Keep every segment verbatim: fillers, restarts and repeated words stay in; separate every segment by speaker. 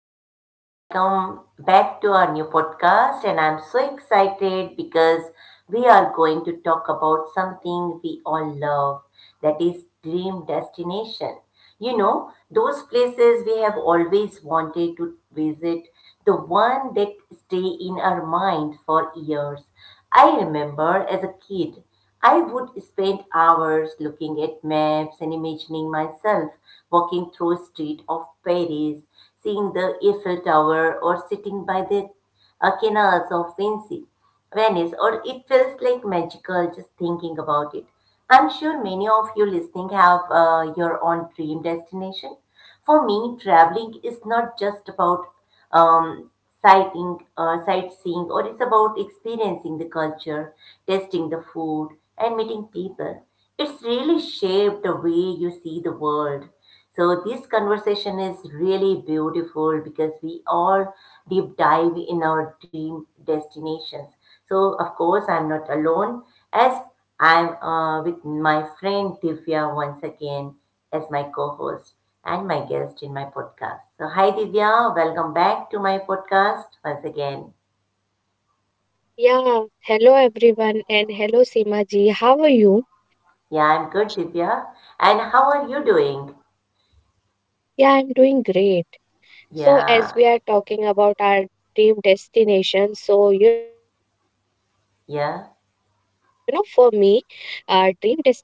Speaker 1: everyone, welcome back to our new podcast and I'm so excited because we are going to talk about something we all love that is dream destination. You know, those places we have always wanted to visit, the one that stay in our mind for years. I remember as a kid I would spend hours looking at maps and imagining myself walking through a street of Paris, seeing the Eiffel Tower or sitting by the uh, canals of Vinci, Venice, or it feels like magical just thinking about it. I'm sure many of you listening have uh, your own dream destination. For me, traveling is not just about um, sighting, uh, sightseeing, or it's about experiencing the culture, tasting the food, and meeting people. It's really shaped the way you see the world. So this conversation is really beautiful because we all deep dive in our dream destinations. So, of course, I'm not alone as I'm uh, with my friend Divya once again as my co host and my guest in my podcast. So, hi Divya, welcome back to my podcast once again.
Speaker 2: Yeah, hello everyone and hello Seema ji. How are you?
Speaker 1: Yeah, I'm good, Divya. And how are you doing?
Speaker 2: Yeah, I'm doing great. So as
Speaker 1: Yeah,
Speaker 2: we are talking about our dream destination, so you know for me, our dream
Speaker 1: yeah,
Speaker 2: destination has always been Japan.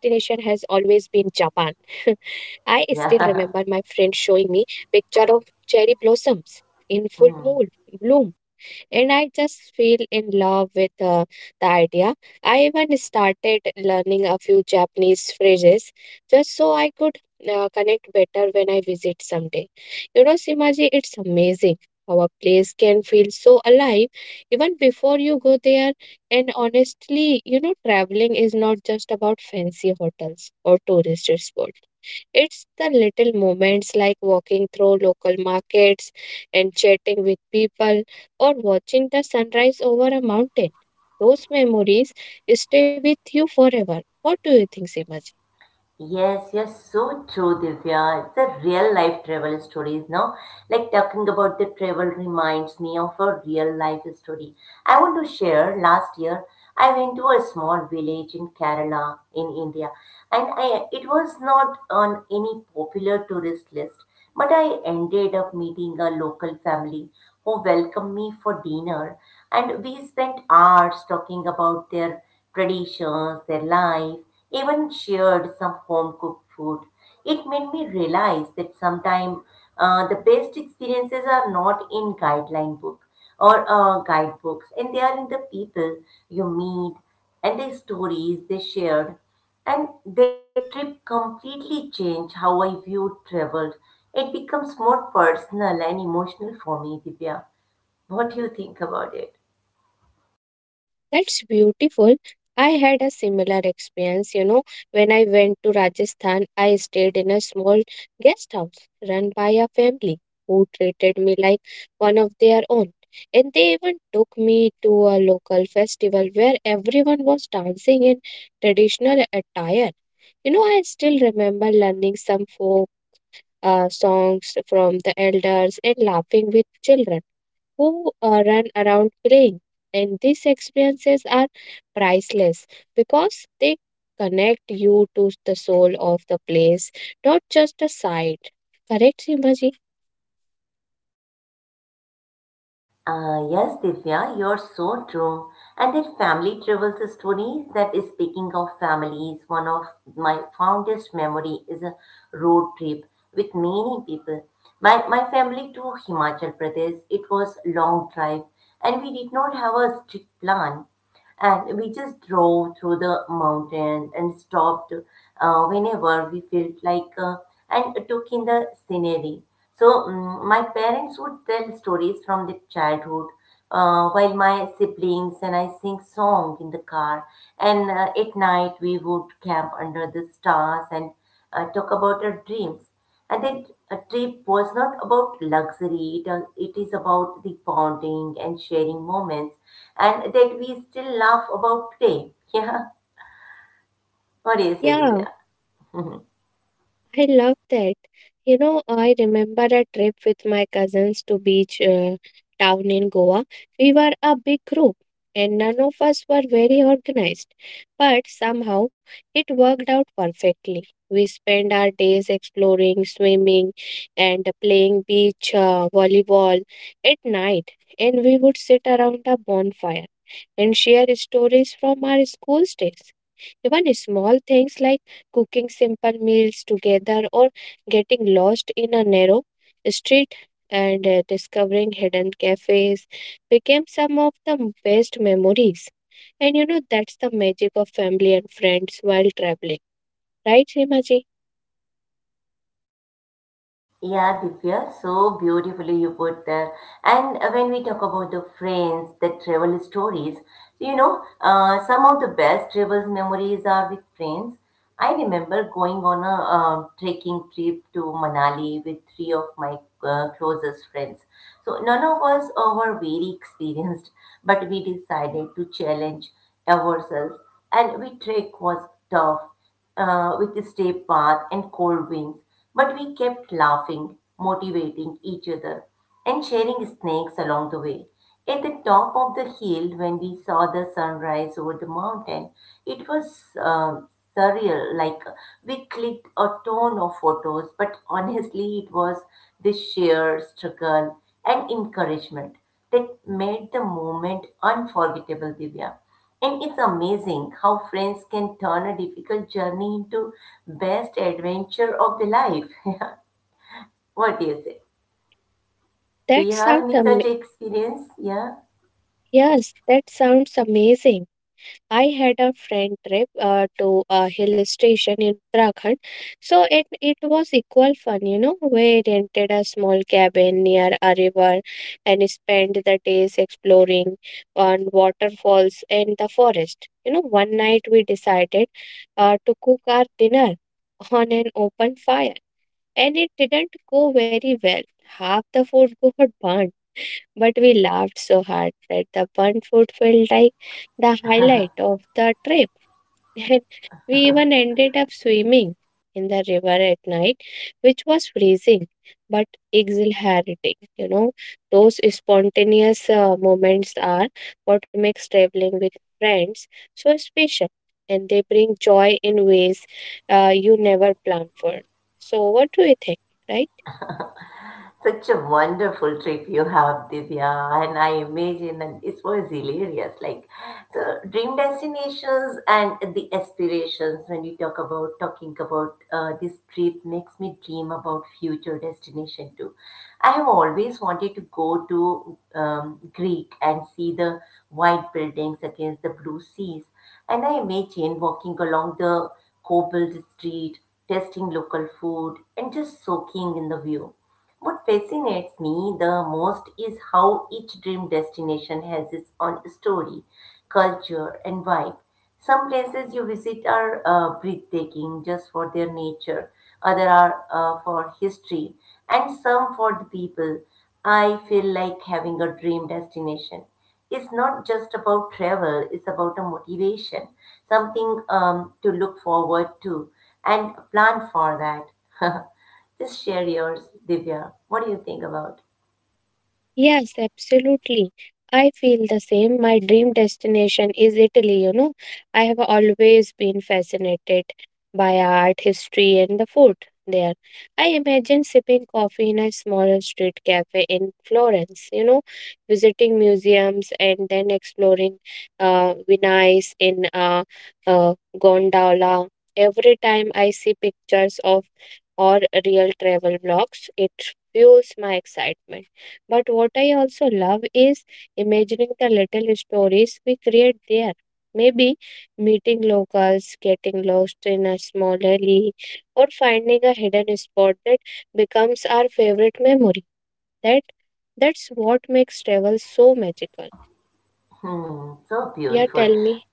Speaker 2: I still remember my friend showing me
Speaker 1: yeah.
Speaker 2: picture of cherry blossoms in full moon bloom
Speaker 1: Mm.
Speaker 2: and I just feel in love with uh, the idea. I even started learning a few Japanese phrases just so I could uh, connect better when I visit someday. You know, Simaji, it's amazing how a place can feel so alive even before you go there. And honestly, you know, traveling is not just about fancy hotels or tourist spots. It's the little moments like walking through local markets and chatting with people or watching the sunrise over a mountain. Those memories stay with you forever. What do you think, Simaj?
Speaker 1: Yes, yes, so true, Divya. It's a real life travel stories, no? Like talking about the travel reminds me of a real life story. I want to share last year I went to a small village in Kerala in India and I it was not on any popular tourist list, but I ended up meeting a local family who welcomed me for dinner and we spent hours talking about their traditions, their life even shared some home cooked food. It made me realize that sometimes uh, the best experiences are not in guideline book or uh, guidebooks, and they are in the people you meet and the stories they shared. And that trip completely changed how I viewed travel. It becomes more personal and emotional for me, Divya. What do you think about it?
Speaker 2: That's beautiful. I had a similar experience, you know, when I went to Rajasthan, I stayed in a small guest house run by a family who treated me like one of their own. And they even took me to a local festival where everyone was dancing in traditional attire. You know, I still remember learning some folk uh, songs from the elders, and laughing with children who uh, run around playing. And these experiences are priceless because they connect you to the soul of the place, not just a site. Correct, Simaji?
Speaker 1: Uh, yes, Divya, you're so true. And that family travels stories that is speaking of families, one of my fondest memory is a road trip with many people. My, my family to Himachal Pradesh, it was long drive and we did not have a strict plan and we just drove through the mountains and stopped uh, whenever we felt like uh, and took in the scenery. So mm my parents would tell stories from their childhood uh, while my siblings and I sing song in the car. And uh, at night we would camp under the stars and uh, talk about our dreams. And that a trip was not about luxury, it, uh, it is about the bonding and sharing moments, and that we still laugh about today. Yeah, what do you say,
Speaker 2: Yeah,
Speaker 1: Divya?
Speaker 2: I love that. You know, I remember a trip with my cousins to beach uh, town in Goa. We were a big group and none of us were very organized, but somehow it worked out perfectly. We spent our days exploring, swimming, and playing beach uh, volleyball at night, and we would sit around a bonfire and share stories from our school days. Even small things like cooking simple meals together or getting lost in a narrow street and uh, discovering hidden cafes became some of the best memories. And you know, that's the magic of family and friends while traveling, right, Rimaji?
Speaker 1: Yeah, Divya, so beautifully you put that. And uh, when we talk about the friends, the travel stories, so you know, uh, some of the best travel memories are with friends. I remember going on a uh, trekking trip to Manali with three of my uh, closest friends. So none of us uh, were very experienced, but we decided to challenge ourselves, and we trek was tough uh, with a steep path and cold winds, but we kept laughing, motivating each other, and sharing snakes along the way. At the top of the hill, when we saw the sunrise over the mountain, it was uh, surreal. Like we clicked a ton of photos, but honestly, it was the sheer struggle and encouragement that made the moment unforgettable, Divya. And it's amazing how friends can turn a difficult journey into best adventure of the life. What do you say? Do
Speaker 2: That
Speaker 1: you have
Speaker 2: sounds
Speaker 1: any
Speaker 2: am-
Speaker 1: such experience? Yeah.
Speaker 2: yes, that sounds amazing. I had a friend trip uh, to a hill station in Uttarakhand, so it it was equal fun, you know. We rented a small cabin near a river and spent the days exploring on waterfalls and the forest. You know, one night we decided uh, to cook our dinner on an open fire, and it didn't go very well. Half the food got burnt but we laughed so hard that the burnt food felt like the highlight of the trip. And we even ended up swimming in the river at night, which was freezing but exhilarating. You know, those spontaneous uh, moments are what makes traveling with friends so special and they bring joy in ways uh, you never plan for. So, what do you think, right?
Speaker 1: Such a wonderful trip you have, Divya, and I imagine and it was hilarious. Like the dream destinations and the aspirations when you talk about talking about uh, this trip makes me dream about future destination too. I have always wanted to go to um, Greek and see the white buildings against the blue seas, and I imagine walking along the cobbled street, tasting local food, and just soaking in the view. What fascinates me the most is how each dream destination has its own story, culture, and vibe. Some places you visit are uh, breathtaking just for their nature, other are uh, for history, and some for the people. I feel like having a dream destination. It's not just about travel, it's about a motivation, something um, to look forward to and plan for that. Just share yours, Divya. What do you think about?
Speaker 2: Yes, absolutely. I feel the same. My dream destination is Italy, you know. I have always been fascinated by art, history, and the food there. I imagine sipping coffee in a small street cafe in Florence, you know, visiting museums and then exploring uh, Venice in a uh, gondola. Every time I see pictures of or real travel blogs, it fuels my excitement. But what I also love is imagining the little stories we create there. Maybe meeting locals, getting lost in a small alley, or finding a hidden spot that becomes our favorite memory. That that's what makes travel so magical.
Speaker 1: Hmm, so
Speaker 2: Yeah,
Speaker 1: beautiful.
Speaker 2: tell me.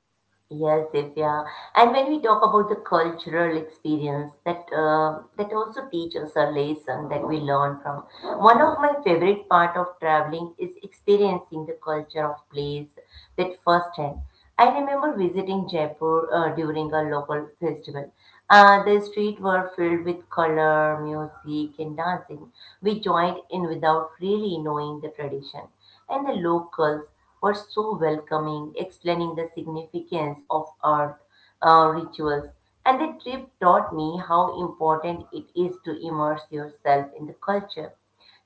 Speaker 1: Yes, yes, yeah. And when we talk about the cultural experience, that uh, that also teach us a lesson that we learn from. One of my favorite part of traveling is experiencing the culture of place that firsthand. I remember visiting Jaipur uh, during a local festival. Uh, the streets were filled with color, music, and dancing. We joined in without really knowing the tradition and the locals were so welcoming, explaining the significance of earth uh, rituals. And the trip taught me how important it is to immerse yourself in the culture.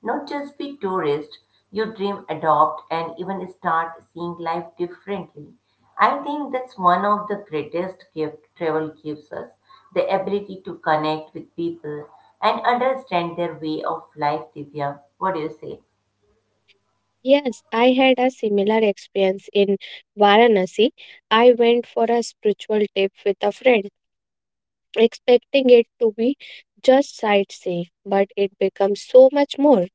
Speaker 1: Not just be tourist, you dream, adopt, and even start seeing life differently. I think that's one of the greatest gift travel gives us, the ability to connect with people and understand their way of life, Divya. What do you say?
Speaker 2: Yes, I had a similar experience in Varanasi. I went for a spiritual trip with a friend expecting it to be just sightseeing, but it becomes so much more.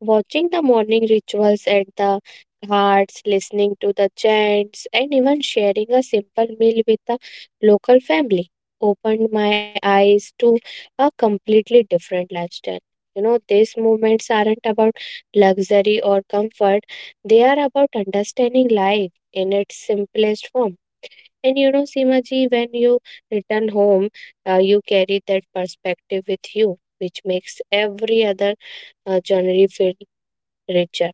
Speaker 2: Watching the morning rituals at the ghats, listening to the chants, and even sharing a simple meal with the local family opened my eyes to a completely different lifestyle. You know, these movements aren't about luxury or comfort, they are about understanding life in its simplest form and you know, Simaji, when you return home, uh, you carry that perspective with you, which makes every other uh, journey feel richer.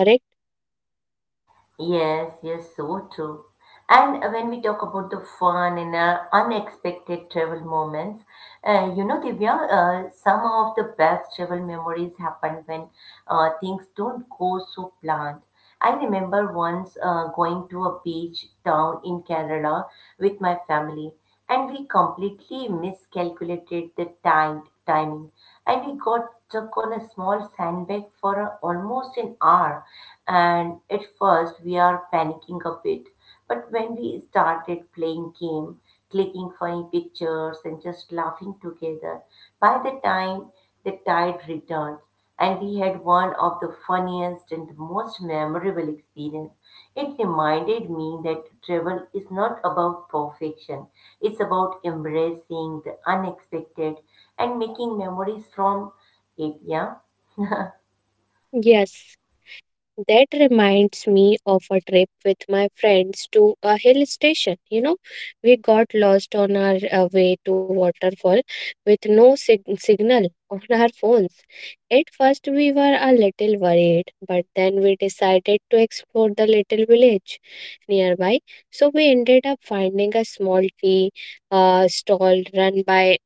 Speaker 2: Correct?
Speaker 1: Yes, yes, so true. And uh, when we talk about the fun and uh, unexpected travel moments, uh, you know, Divya, uh, some of the best travel memories happen when uh, things don't go so planned. I remember once uh, going to a beach town in Kerala with my family and we completely miscalculated the time timing and we got stuck on a small sandbag for a- almost an hour and at first we are panicking a bit but when we started playing game clicking funny pictures and just laughing together by the time the tide returned and we had one of the funniest and most memorable experiences it reminded me that travel is not about perfection, it's about embracing the unexpected and making memories from it. Yeah.
Speaker 2: Yes. That reminds me of a trip with my friends to a hill station. You know, we got lost on our uh, way to waterfall with no sig- signal on our phones. At first, we were a little worried, but then we decided to explore the little village nearby. So we ended up finding a small tea uh, stall run by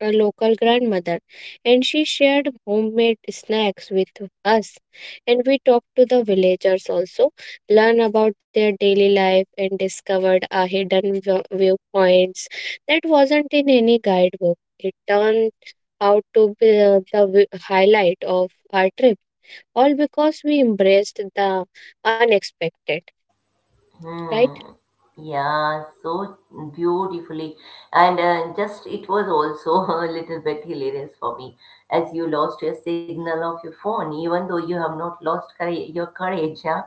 Speaker 2: a local grandmother, and she shared homemade snacks with us. And we talked to the villagers also, learn about their daily life, and discovered a hidden vi- viewpoints that wasn't in any guidebook. It turned out to be uh, the wi- highlight of our trip, all because we embraced the unexpected, right?
Speaker 1: Hmm. Yeah, so beautifully. And uh, just it was also a little bit hilarious for me as you lost your signal of your phone, even though you have not lost courage, your courage. Yeah?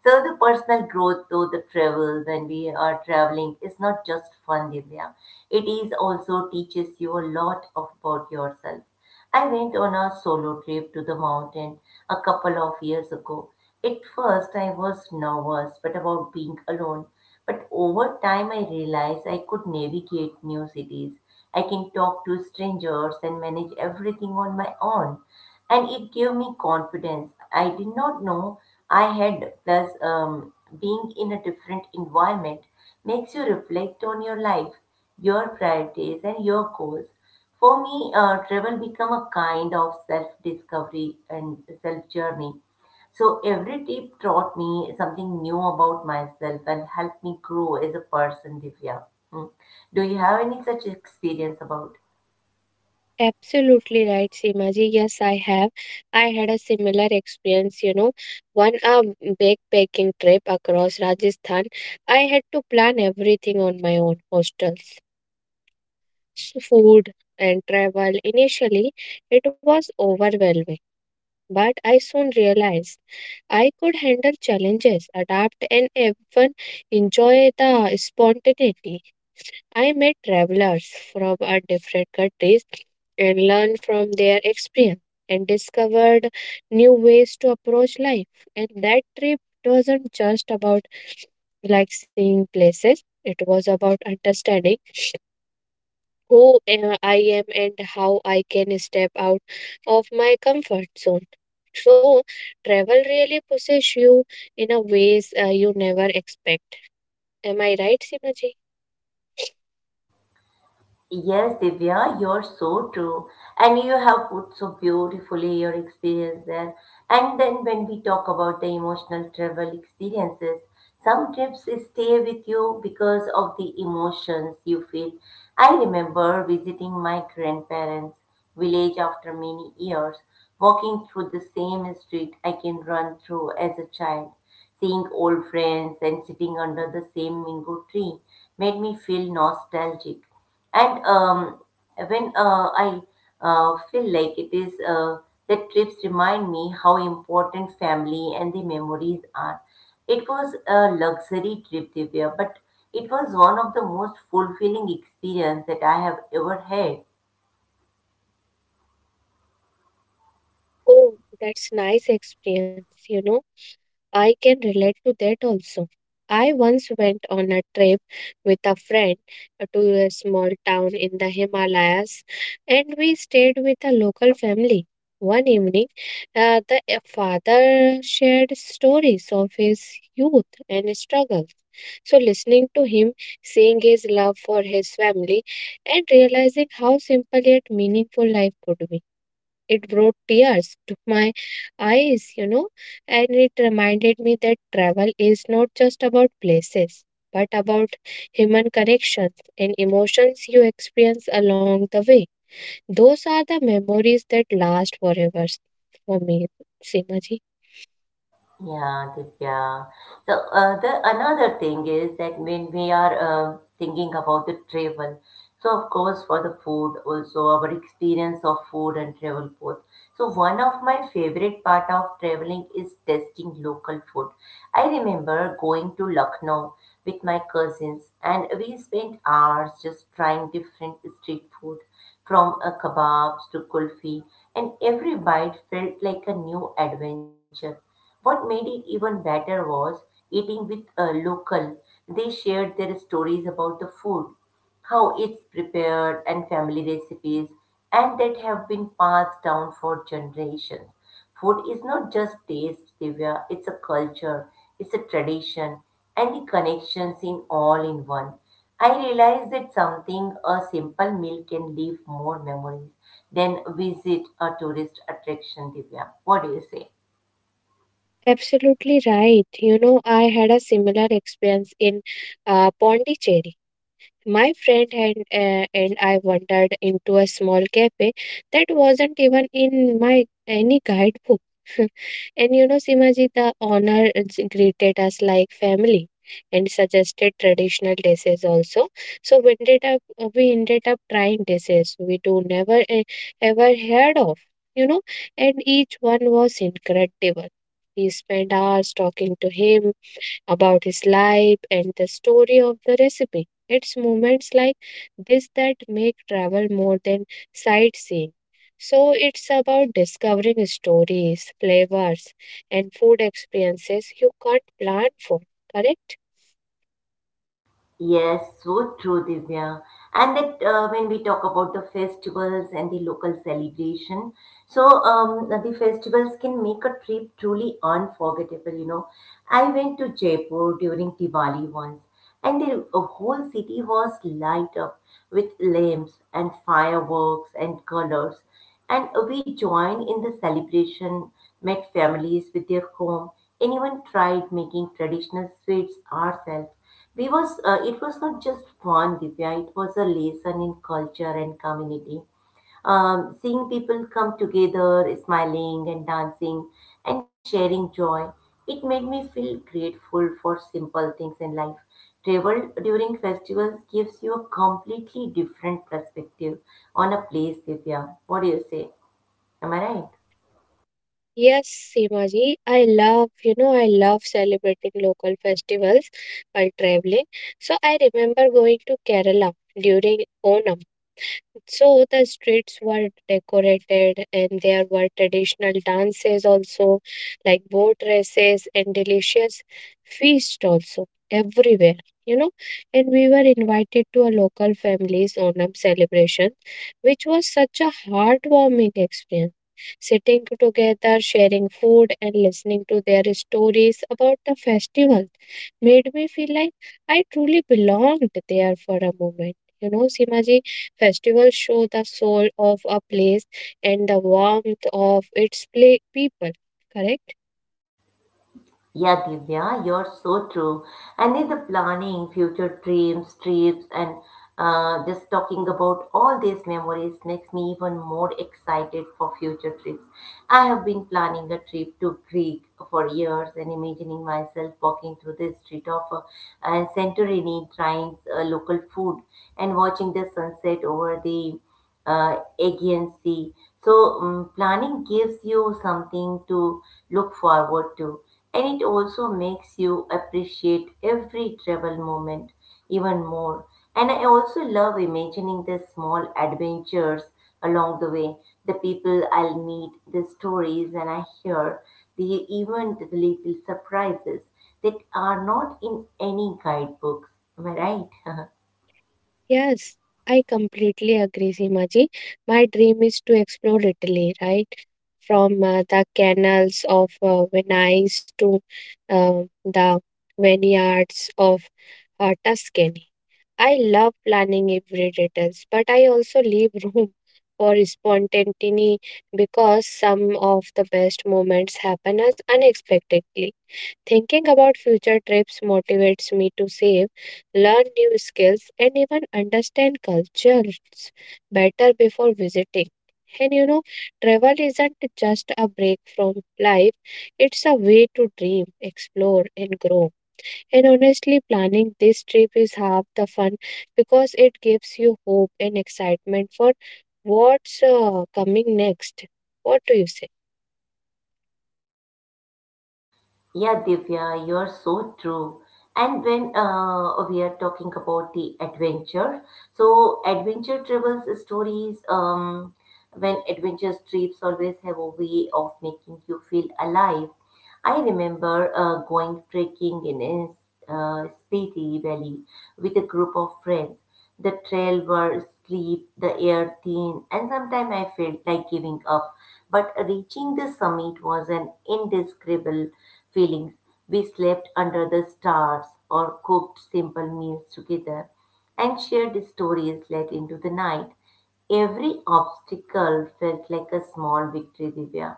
Speaker 1: So, the personal growth through the travel when we are traveling is not just fun, Divya. It is also teaches you a lot of about yourself. I went on a solo trip to the mountain a couple of years ago. At first, I was nervous but about being alone. But over time, I realized I could navigate new cities. I can talk to strangers and manage everything on my own. And it gave me confidence. I did not know I had. Plus, um, being in a different environment makes you reflect on your life, your priorities, and your goals. For me, uh, travel become a kind of self-discovery and self-journey. So every trip taught me something new about myself and helped me grow as a person, Divya. Hmm. Do you have any such experience about?
Speaker 2: Absolutely right, Seemaji. Yes, I have. I had a similar experience, you know, one a backpacking trip across Rajasthan. I had to plan everything on my own, hostels, food, and travel. Initially, it was overwhelming, but I soon realized I could handle challenges, adapt, and even enjoy the spontaneity. I met travelers from a different countries and learned from their experience and discovered new ways to approach life. And that trip wasn't just about like seeing places, it was about understanding who uh, I am and how I can step out of my comfort zone. So, travel really pushes you in a ways uh, you never expect. Am I right, Simaji?
Speaker 1: Yes, Divya, you're so true. And you have put so beautifully your experience there. And then when we talk about the emotional travel experiences, some trips stay with you because of the emotions you feel. I remember visiting my grandparents' village after many years, walking through the same street I can run through as a child. Seeing old friends and sitting under the same mango tree made me feel nostalgic. And um, when uh, I uh, feel like it is uh, that trips remind me how important family and the memories are. It was a luxury trip, Divya, but it was one of the most fulfilling experience that I have ever had.
Speaker 2: Oh, that's nice experience, you know. I can relate to that also. I once went on a trip with a friend uh, to a small town in the Himalayas and we stayed with a local family. One evening, uh, the uh, father shared stories of his youth and struggles. So, listening to him, seeing his love for his family, and realizing how simple yet meaningful life could be it brought tears to my eyes, you know, and it reminded me that travel is not just about places, but about human connections and emotions you experience along the way. Those are the memories that last forever for me, Simaji.
Speaker 1: Yeah, Divya. So uh, the another thing is that when we are uh, thinking about the travel, so of course for the food also our experience of food and travel both. So one of my favorite part of traveling is tasting local food. I remember going to Lucknow with my cousins and we spent hours just trying different street food from a kebabs to kulfi, and every bite felt like a new adventure. What made it even better was eating with a local. They shared their stories about the food, how it's prepared, and family recipes, and that have been passed down for generations. Food is not just taste, Divya, it's a culture, it's a tradition, and the connections in all in one. I realized that something, a simple meal, can leave more memories than visit a tourist attraction, Divya. What do you say?
Speaker 2: Absolutely right. You know, I had a similar experience in uh, Pondicherry. My friend and, uh, and I wandered into a small cafe that wasn't even in my any guidebook. And you know, Simaji, the owner j- greeted us like family and suggested traditional dishes also. So we ended up uh, we ended up trying dishes we do never uh, ever heard of, you know, and each one was incredible. We spent hours talking to him about his life and the story of the recipe. It's moments like this that make travel more than sightseeing. So it's about discovering stories, flavors, and food experiences you can't plan for, correct?
Speaker 1: Yes, so true, Divya. And that uh, when we talk about the festivals and the local celebration, so um, the festivals can make a trip truly unforgettable. You know, I went to Jaipur during Diwali once, and the uh, whole city was light up with lamps and fireworks and colors. And we joined in the celebration, met families with their home, and even tried making traditional sweets ourselves we was uh, it was not just fun, Divya. It was a lesson in culture and community. Um, seeing people come together, smiling and dancing and sharing joy, it made me feel grateful for simple things in life. Travel during festivals gives you a completely different perspective on a place, Divya. What do you say? Am I right?
Speaker 2: Yes, Simaji, I love, you know, I love celebrating local festivals while traveling. So I remember going to Kerala during Onam. So the streets were decorated and there were traditional dances also, like boat races and delicious feast also everywhere, you know. And we were invited to a local family's Onam celebration, which was such a heartwarming experience. Sitting together, sharing food, and listening to their stories about the festival made me feel like I truly belonged there for a moment. You know, Simaji, festivals show the soul of a place and the warmth of its pla- people, correct?
Speaker 1: Yeah, Divya, you're so true. And in the planning future dreams, trips, and uh, just talking about all these memories makes me even more excited for future trips. I have been planning a trip to Greece for years and imagining myself walking through the street of uh, and Santorini, trying uh, local food and watching the sunset over the uh, agency. So um, planning gives you something to look forward to, and it also makes you appreciate every travel moment even more. And I also love imagining the small adventures along the way, the people I'll meet, the stories and I hear, the even the little surprises that are not in any guidebooks. Am I right?
Speaker 2: Yes, I completely agree, Simaji. My dream is to explore Italy, right? From uh, the canals of uh, Venice to uh, the vineyards of uh, Tuscany. I love planning every details, but I also leave room for spontaneity because some of the best moments happen as unexpectedly. Thinking about future trips motivates me to save, learn new skills, and even understand cultures better before visiting. And you know, travel isn't just a break from life, it's a way to dream, explore, and grow. And honestly, planning this trip is half the fun because it gives you hope and excitement for what's uh, coming next. What do you say?
Speaker 1: Yeah, Divya, you're so true. And when uh, we are talking about the adventure, so adventure travels stories, um, when adventure trips always have a way of making you feel alive. I remember uh, going trekking in a uh, Spiti Valley with a group of friends. The trail were steep, the air thin, and sometimes I felt like giving up. But reaching the summit was an indescribable feeling. We slept under the stars or cooked simple meals together and shared stories late into the night. Every obstacle felt like a small victory, Divya.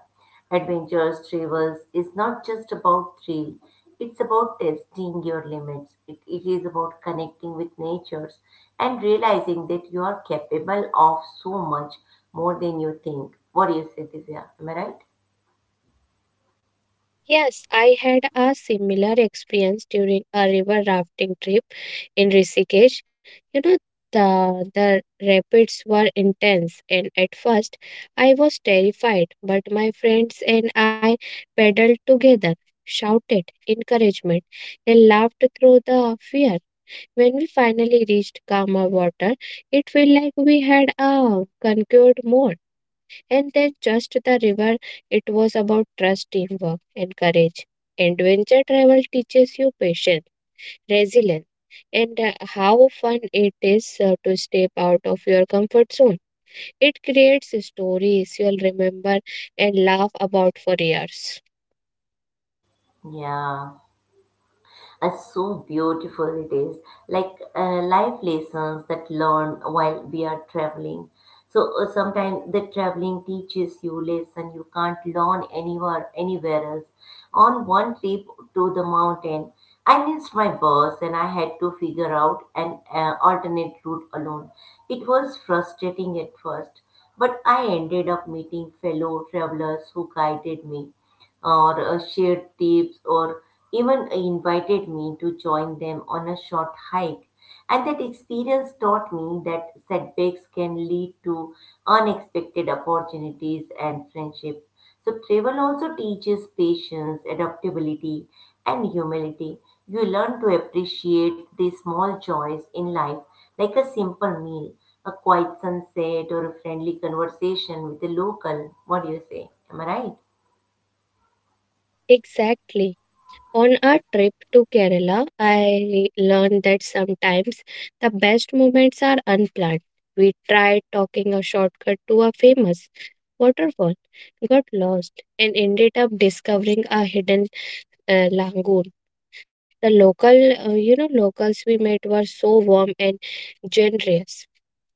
Speaker 1: Adventurous Travels is not just about thrill, it's about testing your limits. It, it is about connecting with natures and realizing that you are capable of so much more than you think. What do you say, Divya? Am I right?
Speaker 2: Yes, I had a similar experience during a river rafting trip in Rishikesh. You know, the, the rapids were intense, and at first I was terrified, but my friends and I paddled together, shouted encouragement, and laughed through the fear. When we finally reached calmer water, it felt like we had uh, conquered more. And then just the river, it was about trust, teamwork, and courage. Adventure travel teaches you patience, resilience, and uh, how fun it is uh, to step out of your comfort zone. It creates stories you'll remember and laugh about for years.
Speaker 1: Yeah. Uh, so beautiful it is, like uh, life lessons that learn while we are traveling. So uh, sometimes the traveling teaches you lesson you can't learn anywhere anywhere else. On one trip to the mountain, I missed my bus and I had to figure out an uh, alternate route alone. It was frustrating at first, but I ended up meeting fellow travelers who guided me or uh, shared tips or even invited me to join them on a short hike. And that experience taught me that setbacks can lead to unexpected opportunities and friendships. So, travel also teaches patience, adaptability, and humility. You learn to appreciate the small joys in life, like a simple meal, a quiet sunset, or a friendly conversation with a local. What do you say? Am I right?
Speaker 2: Exactly. On our trip to Kerala, I learned that sometimes the best moments are unplanned. We tried talking a shortcut to a famous waterfall, got lost, and ended up discovering a hidden uh, lagoon. The local, uh, you know, locals we met were so warm and generous,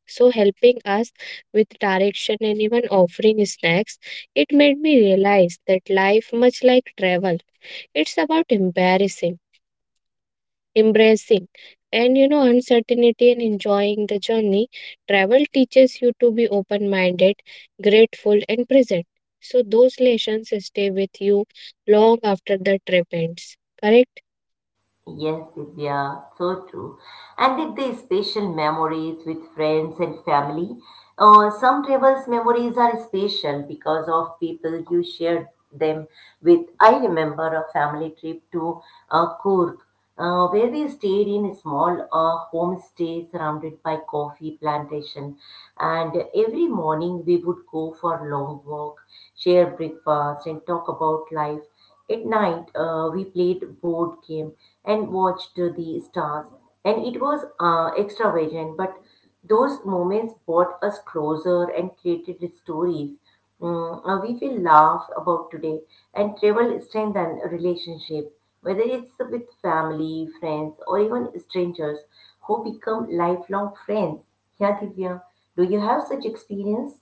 Speaker 2: so helping us with direction and even offering snacks. It made me realize that life, much like travel, it's about embarrassing embracing and you know uncertainty and enjoying the journey. Travel teaches you to be open minded, grateful and present, so those lessons stay with you long after the trip ends. Correct.
Speaker 1: Yes, Divya, so true. And with the special memories with friends and family, uh, some travels memories are special because of people you shared them with. I remember a family trip to uh, Kurg, uh, where we stayed in a small uh, homestay surrounded by coffee plantation. And every morning we would go for a long walk, share breakfast, and talk about life. At night, uh, we played board game and watched uh, the stars, and it was uh, extravagant. But those moments brought us closer and created stories mm, uh, we will laugh about today. And travel strengthen a relationship, whether it's with family, friends, or even strangers who become lifelong friends. Yeah, Divya, do you have such experience?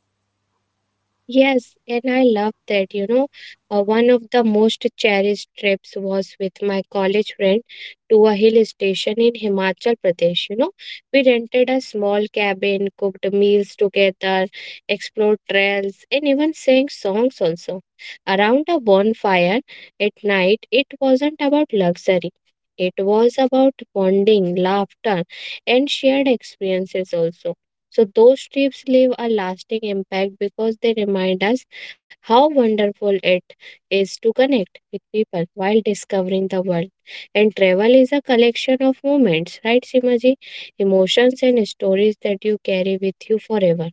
Speaker 2: Yes, and I love that. You know, uh, one of the most cherished trips was with my college friend to a hill station in Himachal Pradesh. You know, we rented a small cabin, cooked meals together, explored trails, and even sang songs also. Around a bonfire at night, it wasn't about luxury. It was about bonding, laughter, and shared experiences also, so those trips leave a lasting impact because they remind us how wonderful it is to connect with people while discovering the world. And travel is a collection of moments, right, Simaji? Emotions and stories that you carry with you forever.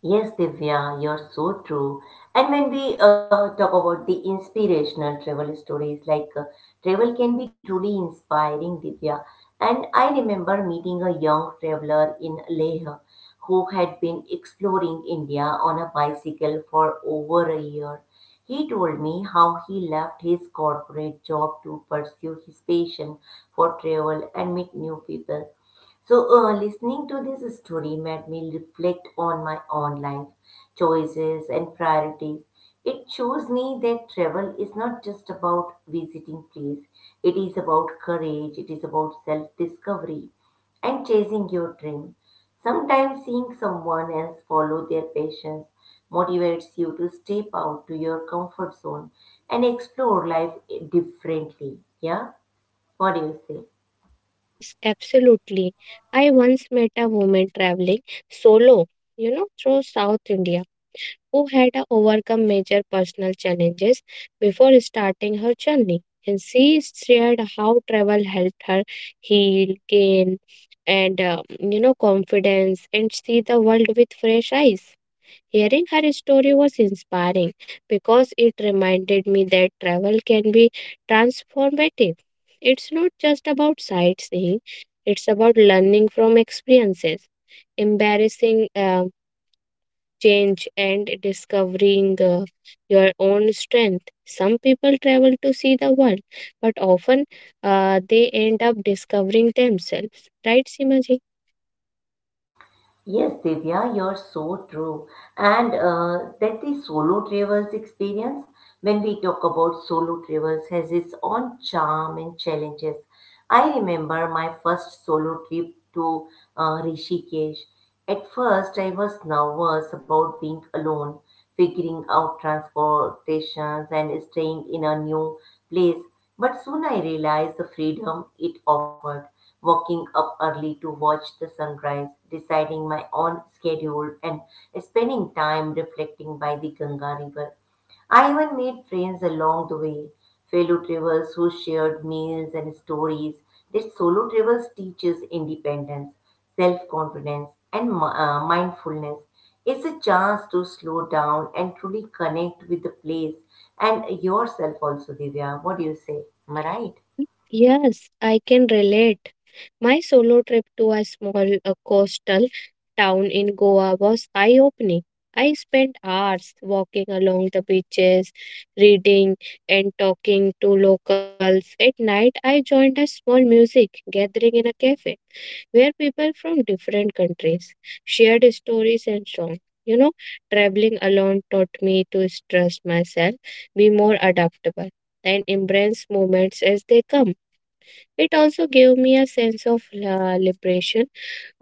Speaker 1: Yes, Divya, you're so true. And when we uh, talk about the inspirational travel stories, like uh, travel can be truly inspiring, Divya. And I remember meeting a young traveler in Leh who had been exploring India on a bicycle for over a year. He told me how he left his corporate job to pursue his passion for travel and meet new people. So, uh, listening to this story made me reflect on my own life choices and priorities. It shows me that travel is not just about visiting place, it is about courage, it is about self discovery and chasing your dream. Sometimes seeing someone else follow their passions motivates you to step out to your comfort zone and explore life differently. Yeah? What do you say?
Speaker 2: Yes, absolutely. I once met a woman traveling solo, you know, through South India who had overcome major personal challenges before starting her journey. And she shared how travel helped her heal, gain, and uh, you know confidence, and see the world with fresh eyes. Hearing her story was inspiring because it reminded me that travel can be transformative. It's not just about sightseeing; it's about learning from experiences, embarrassing Um, change, and discovering uh, your own strength. Some people travel to see the world, but often uh, they end up discovering themselves. Right, Simaji?
Speaker 1: Yes, Divya, you're so true. And uh, that the solo travelers experience, when we talk about solo travelers, has its own charm and challenges. I remember my first solo trip to uh, Rishikesh. At first, I was nervous about being alone figuring out transportations and staying in a new place. But soon I realized the freedom it offered, waking up early to watch the sunrise, deciding my own schedule, and spending time reflecting by the Ganga River I even made friends along the way, fellow travelers who shared meals and stories. That solo travels teaches independence, self confidence, and mi- uh, mindfulness. It's a chance to slow down and truly connect with the place and yourself also, Divya. What do you say? Am I right?
Speaker 2: Yes, I can relate. My solo trip to a small uh, coastal town in Goa was eye opening. I spent hours walking along the beaches, reading and talking to locals. At night, I joined a small music gathering in a cafe where people from different countries shared stories and songs. You know, traveling alone taught me to trust myself, be more adaptable, and embrace moments as they come. It also gave me a sense of uh, liberation,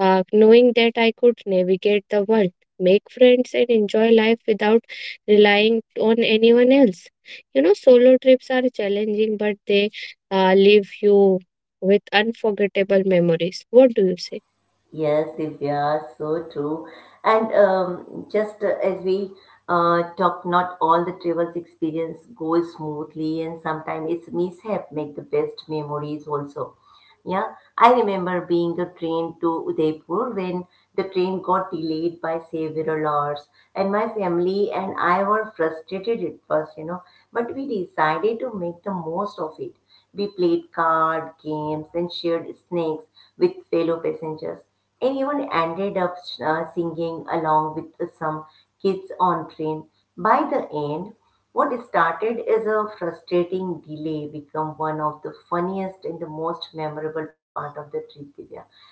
Speaker 2: uh, knowing that I could navigate the world, make friends, and enjoy life without relying on anyone else. You know, solo trips are challenging, but they uh, leave you with unforgettable memories. What do you say?
Speaker 1: Yes, Divya, so true. And um, just uh, as we uh, talked, not all the travels experience goes smoothly, and sometimes it's mishap make the best memories also. Yeah, I remember being the train to Udaipur when the train got delayed by several hours, and my family and I were frustrated at first, you know, but we decided to make the most of it. We played card games and shared snacks with fellow passengers, and even ended up uh, singing along with some kids on train. By the end, what started as a frustrating delay became one of the funniest and the most memorable part of the trip, Divya.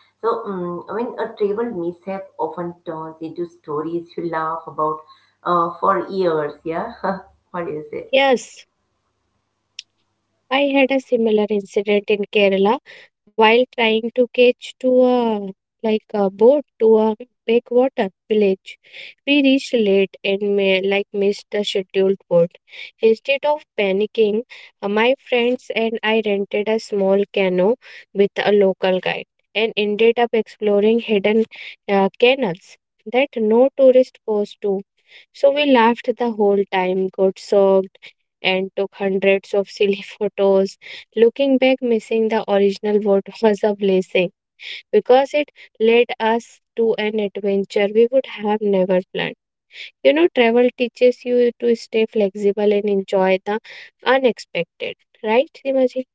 Speaker 1: So, um, when a travel mishap often turns into stories you laugh about uh, for years, yeah? What do you say?
Speaker 2: Yes, I had a similar incident in Kerala while trying to catch to a like a boat to a backwater village. We reached late and may, like missed the scheduled boat. Instead of panicking, uh, my friends and I rented a small canoe with a local guide and ended up exploring hidden uh, canals that no tourist goes to. So we laughed the whole time, got soaked, and took hundreds of silly photos. Looking back, missing the original vote was a blessing because it led us to an adventure we would have never planned. You know, travel teaches you to stay flexible and enjoy the unexpected, right, Simaji?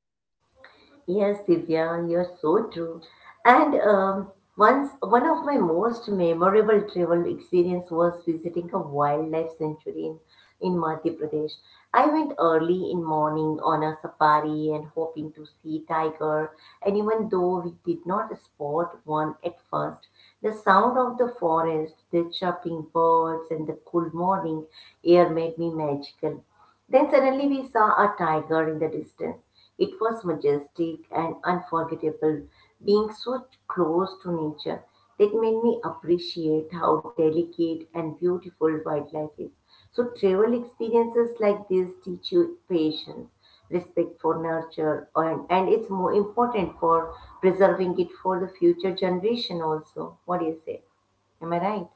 Speaker 1: Yes, Divya, you're so true. And um, once one of my most memorable travel experience was visiting a wildlife sanctuary in, in Madhya Pradesh. I went early in morning on a safari and hoping to see tiger. And even though we did not spot one at first, the sound of the forest, the chirping birds, and the cool morning air made me magical. Then suddenly we saw a tiger in the distance. It was majestic and unforgettable, being so close to nature. That made me appreciate how delicate and beautiful wildlife is. So, travel experiences like this teach you patience, respect for nature, and, and it's more important for preserving it for the future generation also. What do you say? Am I right?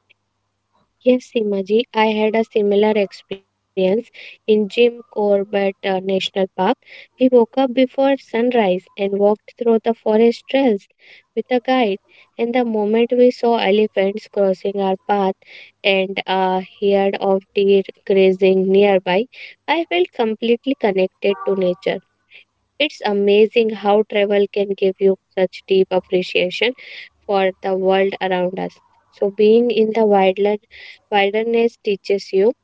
Speaker 2: Yes, Simaji, I had a similar experience in Jim Corbett uh, National Park. We woke up before sunrise and walked through the forest trails with a guide. And the moment we saw elephants crossing our path and uh, heard of deer grazing nearby, I felt completely connected to nature. It's amazing how travel can give you such deep appreciation for the world around us. So being in the wildland, wilderness teaches you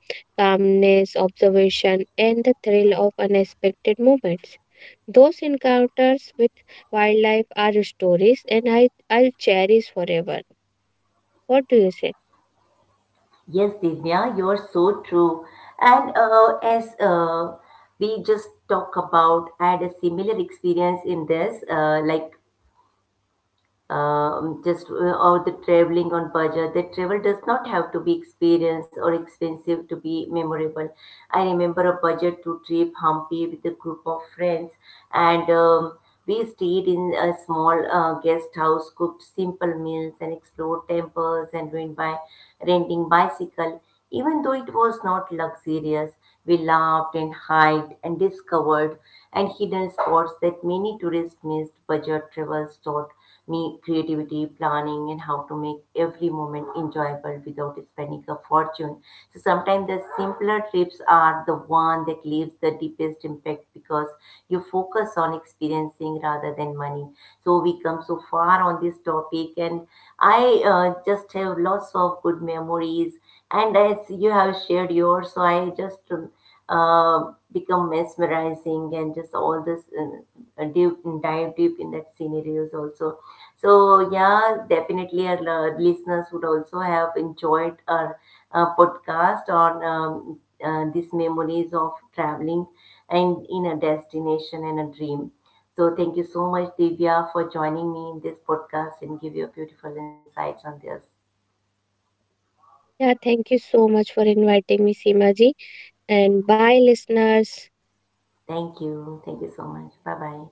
Speaker 2: calmness, observation, and the thrill of unexpected moments. Those encounters with wildlife are stories and I, I'll cherish forever. What do you say?
Speaker 1: Yes, Divya, you're so true. And uh, as uh, we just talk about, I had a similar experience in this, uh, like um, just uh, all the traveling on budget. The travel does not have to be experienced or expensive to be memorable. I remember a budget to trip Hampi with a group of friends, and um, we stayed in a small uh, guest house, cooked simple meals, and explored temples and went by renting bicycle even though it was not luxurious, we laughed and hiked and discovered and hidden spots that many tourists missed. Budget travels taught me creativity, planning, and how to make every moment enjoyable without spending a fortune. So sometimes the simpler trips are the one that leaves the deepest impact because you focus on experiencing rather than money. So we come so far on this topic, and I uh, just have lots of good memories and as you have shared yours, so I just uh, become mesmerizing and just all this uh, deep, dive deep in that scenarios also. So yeah, definitely our uh, listeners would also have enjoyed our uh, podcast on um, uh, these memories of traveling and in a destination and a dream. So thank you so much, Divya, for joining me in this podcast and give your beautiful insights on this.
Speaker 2: Yeah, thank you so much for inviting me, Seema ji. And bye, listeners.
Speaker 1: Thank you. Thank you so much. Bye bye.